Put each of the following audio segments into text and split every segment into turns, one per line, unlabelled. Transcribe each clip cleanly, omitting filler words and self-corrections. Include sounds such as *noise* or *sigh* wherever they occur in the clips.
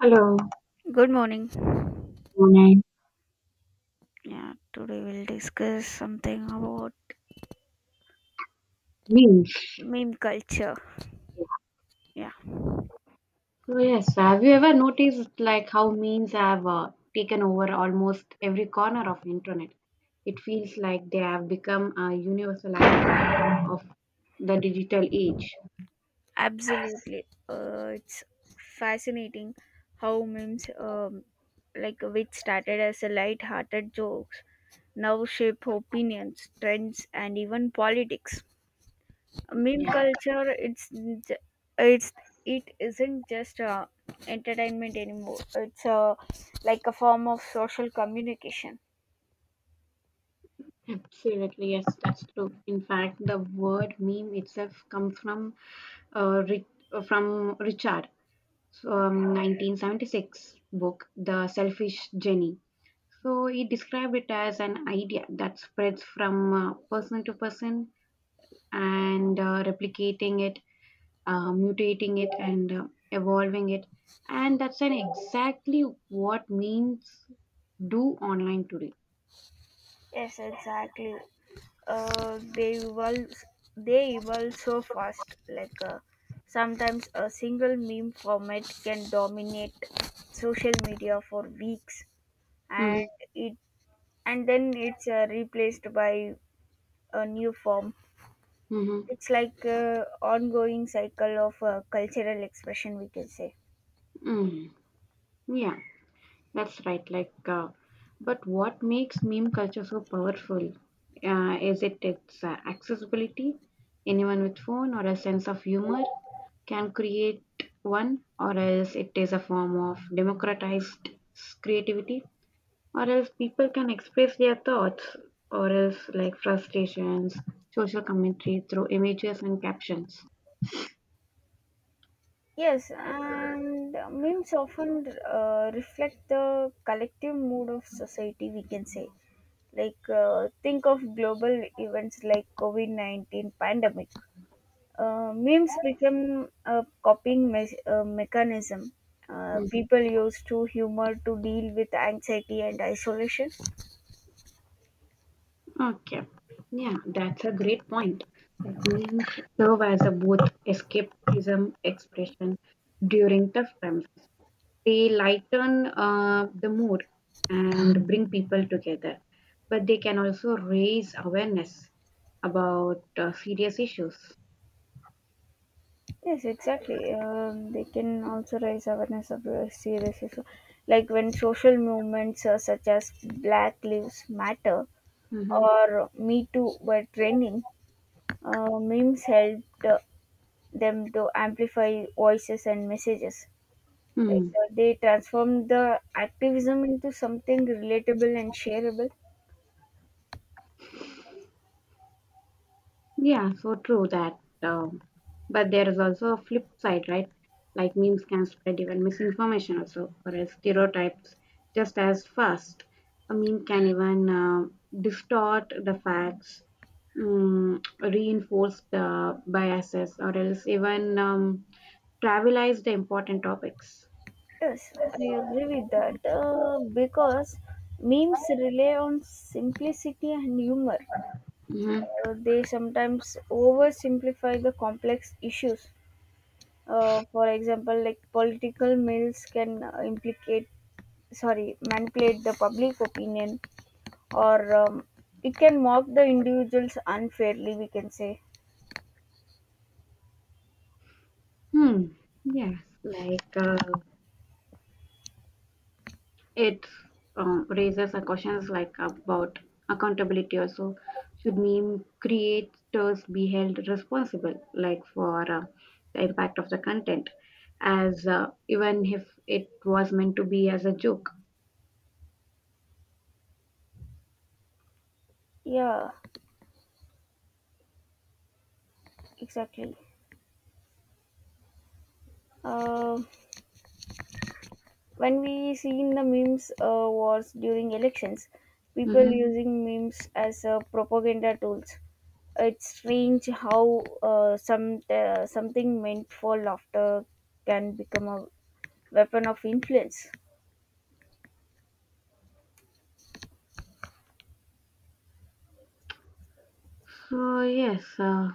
Hello,
Good morning.
morning.
Yeah, today we'll discuss something about
Memes.
meme culture. Yeah,
So yes, have you ever noticed like how memes have taken over almost every corner of internet? It feels like they have become a universal language of the digital age.
absolutely. It's fascinating how memes, like which started as a light-hearted jokes, now shape opinions, trends, and even politics. Meme
Yeah,
culture, j- it's it isn't just entertainment anymore. It's like a form of social communication.
absolutely. Yes, that's true. In fact, the word meme itself comes from uh, Ri- from Richard, 1976 book, The Selfish Jenny. So he described it as an idea that spreads from person to person and replicating it, mutating it, and evolving it. And that's an exactly what means do online today.
Yes, exactly. Uh, they evolve so fast, like sometimes a single meme format can dominate social media for weeks, and
Mm-hmm.
it and then it's replaced by a new form.
Mm-hmm.
It's like a ongoing cycle of cultural expression, we can say.
Mm. Yeah. That's right. Like, but what makes meme culture so powerful? Is it its accessibility? Anyone with phone or a sense of humor can create one, or else it is a form of democratized creativity, or else people can express their thoughts, or else like frustrations, social commentary through images and captions.
Yes, and memes often reflect the collective mood of society, we can say. Like, think of global events like covid-19 pandemic. Memes became a coping mechanism. People use to humor to deal with anxiety and isolation.
Okay. Yeah, that's a great point. That means serve as a both escapism expression during tough times. They lighten the mood and bring people together, but they can also raise awareness about serious issues.
Yes, exactly. They can also raise awareness of serious issues. Like when social movements, such as black lives matter
Mm-hmm.
or me too were trending, memes helped, them to amplify voices and messages. Like,
Hmm.
they transformed the activism into something relatable and shareable.
Yeah, so true that. But there is also a flip side, right? Like memes can spread even misinformation also, or else stereotypes just as fast. A meme can even distort the facts, reinforce the biases, or else even trivialize the important topics.
Yes, I agree with that, because memes rely on simplicity and humor.
Hmm.
They sometimes oversimplify the complex issues. For example, like political memes can implicate, sorry, manipulate the public opinion, or it can mock the individuals unfairly. We can say,
Hmm. Yes, like it raises a questions like about accountability also, should meme creators be held responsible like for the impact of the content as even if it was meant to be as a joke.
yeah, exactly. Um when we seen the memes wars during elections, people
Hmm.
using memes as propaganda tools. It's strange how, uh, something meant for laughter can become a weapon of influence.
So yes,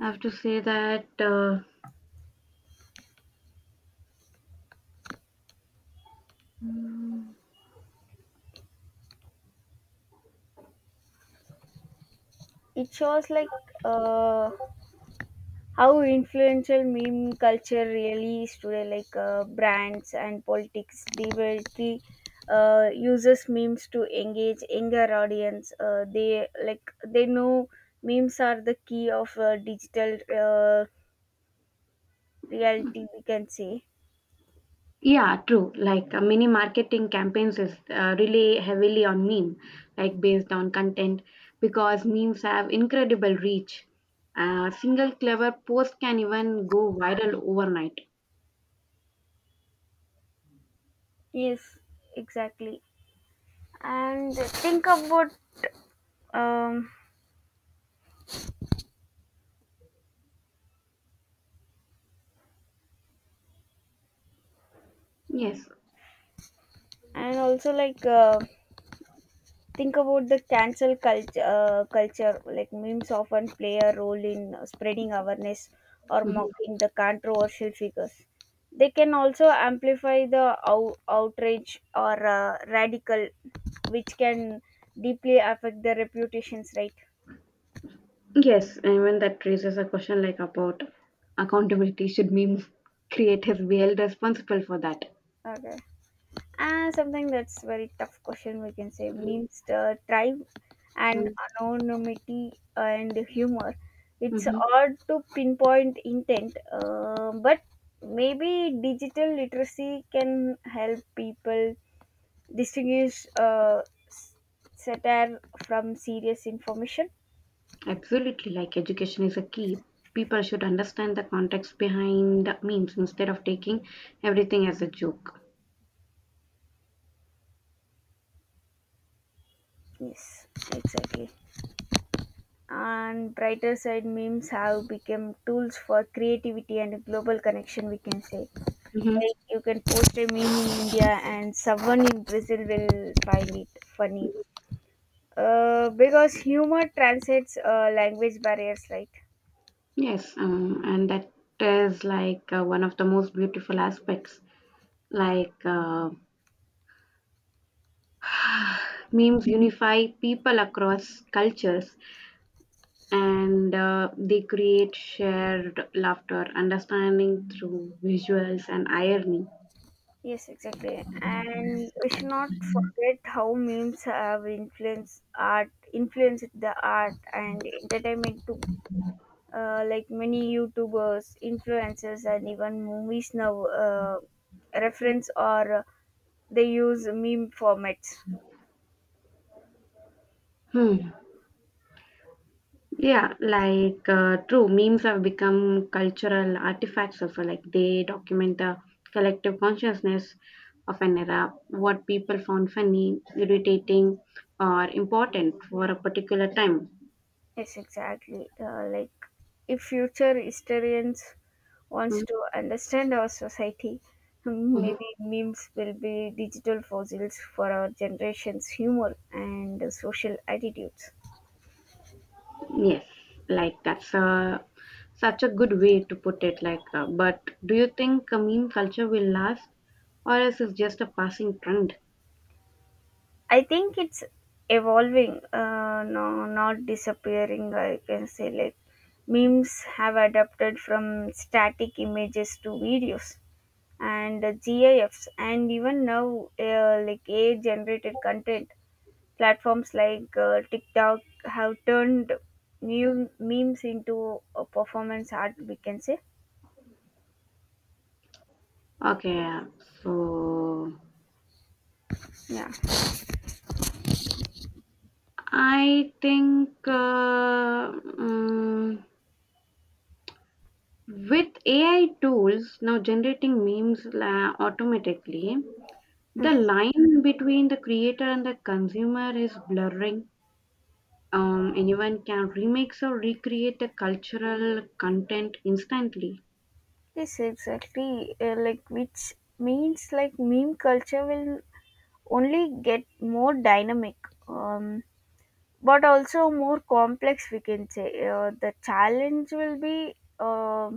I have to say that
It shows like, uh, how influential meme culture really is today. Like, brands and politics deliberately uses memes to engage younger audience. Uh, they like they know memes are the key of digital uh, reality, we can say.
Yeah, true. Like many marketing campaigns is really heavily on meme, like based on content, because memes have incredible reach. A single clever post can even go viral overnight.
Yes, exactly. And think about, um
Yes.
and also like, think about the cancel culture, culture like memes often play a role in spreading awareness or
Mhm.
mocking the controversial figures. They can also amplify the outrage or radical, which can deeply affect their reputations, right?
Yes, and when that raises a question like about accountability, should memes creators be held responsible for that?
Okay. Something that's very tough question, we can say means the tribe and
Mm-hmm.
anonymity and humor. It's
Mm-hmm.
hard to pinpoint intent, but maybe digital literacy can help people distinguish, s- satire from serious information.
Absolutely, like education is a key. People should understand the context behind the memes instead of taking everything as a joke.
Yes, exactly. And brighter side memes have become tools for creativity and global connection, we can say.
Hmm.
Like you can post a meme in India and someone in Brazil will find it funny. Because humor transcends language barriers, right?
Yes, and that is like one of the most beautiful aspects. Like memes unify people across cultures and they create shared laughter, understanding through visuals and irony.
Yes, exactly. And we should not forget how memes have influenced the art and entertainment too. Like many YouTubers, influencers, and even movies now reference or they use meme formats.
Hmm. Yeah, like true, memes have become cultural artifacts of like they document the collective consciousness of an era, what people found funny, irritating, or important for a particular time.
Yes, exactly. Like, if future historians wants
Mhm,
to understand our society, hmm,
mhm.
maybe memes will be digital fossils for our generation's humor and social attitudes.
Yes, like such a good way to put it. Like, but do you think a meme culture will last, or is it just a passing trend?
I think it's evolving, no, not disappearing. I can say, like memes have adapted from static images to videos and GIFs, and even now, like AI generated content. Platforms like, TikTok have turned memes into a performance art, we can say.
Okay, so
Yeah.
I think with AI tools now generating automatically, the
Mm.
line between the creator and the consumer is blurring. Anyone can remix or recreate the cultural content instantly.
Yes, exactly. Like, which means like meme culture will only get more dynamic, um, but also more complex. We can say, the challenge will be,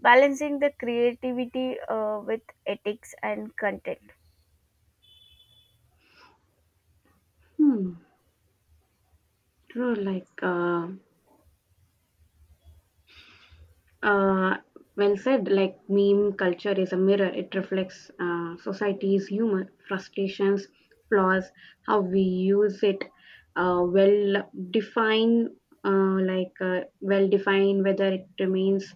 balancing the creativity with ethics and content.
Hmm, true, like Uh, well said, like meme culture is a mirror. It reflects society's humor, frustrations, flaws, how we use it, uh, well define, like well define whether it remains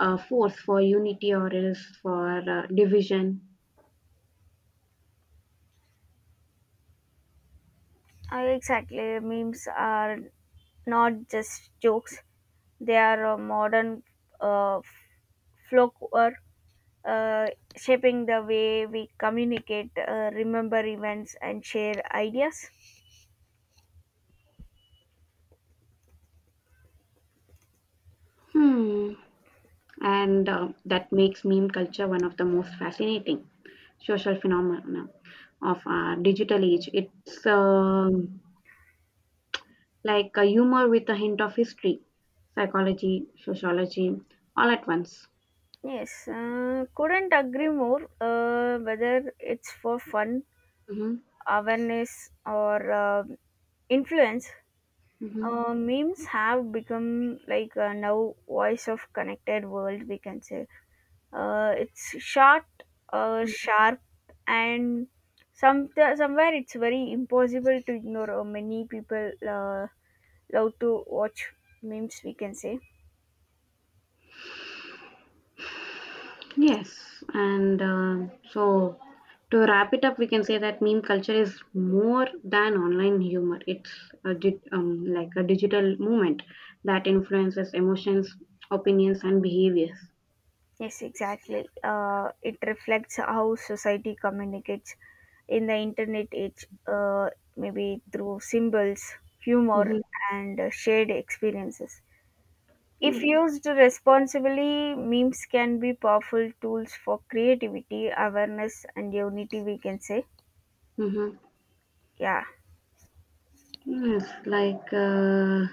a force for unity or else for division.
Exactly, memes are not just jokes; they are modern uh, folklore, uh, shaping the way we communicate, remember events, and share ideas.
Hmm. And that makes meme culture one of the most fascinating social phenomena of our digital age. It's like a humor with a hint of history, psychology, sociology, all at once.
Yes, couldn't agree more. Whether it's for fun,
Hmm.
awareness, or influence,
Hmm.
memes have become like, now voice of connected world. We can say. It's short, sharp, and some somewhere it's very impossible to ignore. Many people, love to watch memes. We can say.
Yes, and so to wrap it up, we can say that meme culture is more than online humor. It's like a digital movement that influences emotions, opinions, and behaviors.
Yes, exactly. It reflects how society communicates in the internet age. Maybe through symbols, humor,
Hmm.
and shared experiences. If
Yes.
used responsibly, memes can be powerful tools for creativity, awareness, and unity, we can say.
Mm-hmm.
Yeah,
Yes, like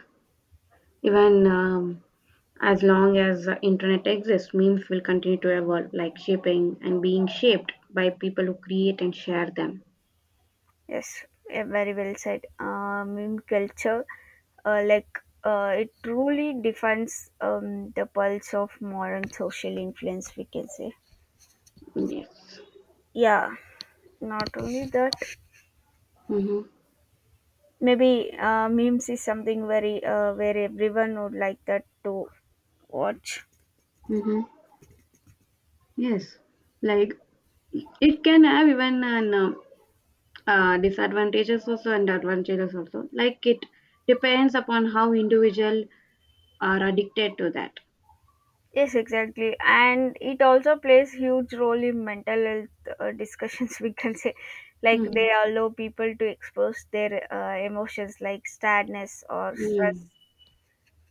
even as long as the internet exists, memes will continue to evolve, like shaping and being shaped by people who create and share them.
yes, yeah, very well said. Meme culture, like, it truly defines, the pulse of modern social influence, we can say.
Yes.
Yeah, not only that,
Mm-hmm.
maybe, memes is something very, where everyone would like that to watch.
Mm-hmm. Yes. Like it can have even an disadvantages also and advantages also. Like it depends upon how individual are addicted to that.
Yes, exactly. And it also plays huge role in mental health *laughs* discussions, we can say. Like
Mm-hmm.
they allow people to expose their emotions like sadness or stress
Mm.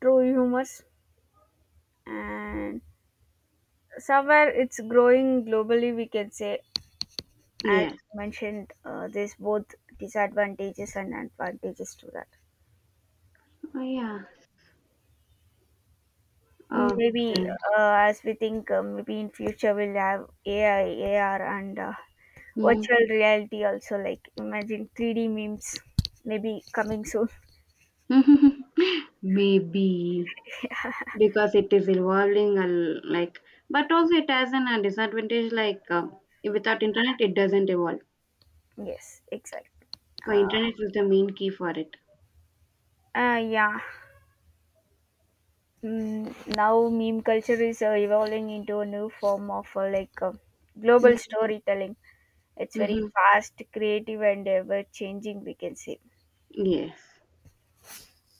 through humors. And somewhere it's growing globally, we can say. As
Yes.
you mentioned, there's both disadvantages and advantages to that.
Oh, yeah.
Maybe,
Okay.
as we think, maybe in future we'll have AI, AR, and virtual reality also, like imagine 3D memes maybe coming soon.
Mm-hmm. *laughs* Maybe. Because it is evolving like but also it has an a disadvantage like without internet it doesn't evolve.
*laughs* Yes, exactly.
So
uh,
internet is the main key for it.
yeah, mm, now meme culture is evolving into a new form of, like global
Mm-hmm.
storytelling. It's very
Mm-hmm.
fast, creative, and ever changing, we can say.
Yes.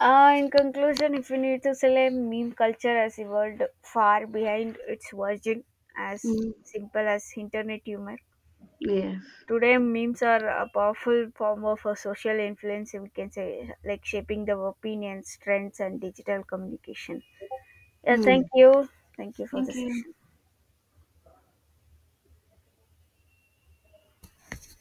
In conclusion, if we need to say, like meme culture has evolved far behind its origin as
Mm.
simple as internet humor.
Yes.
Today, memes are a powerful form of a social influence, we can say, like shaping the opinions, trends, and digital communication. Yeah, thank
Mm.
you. Thank you for the
Thank you.
session.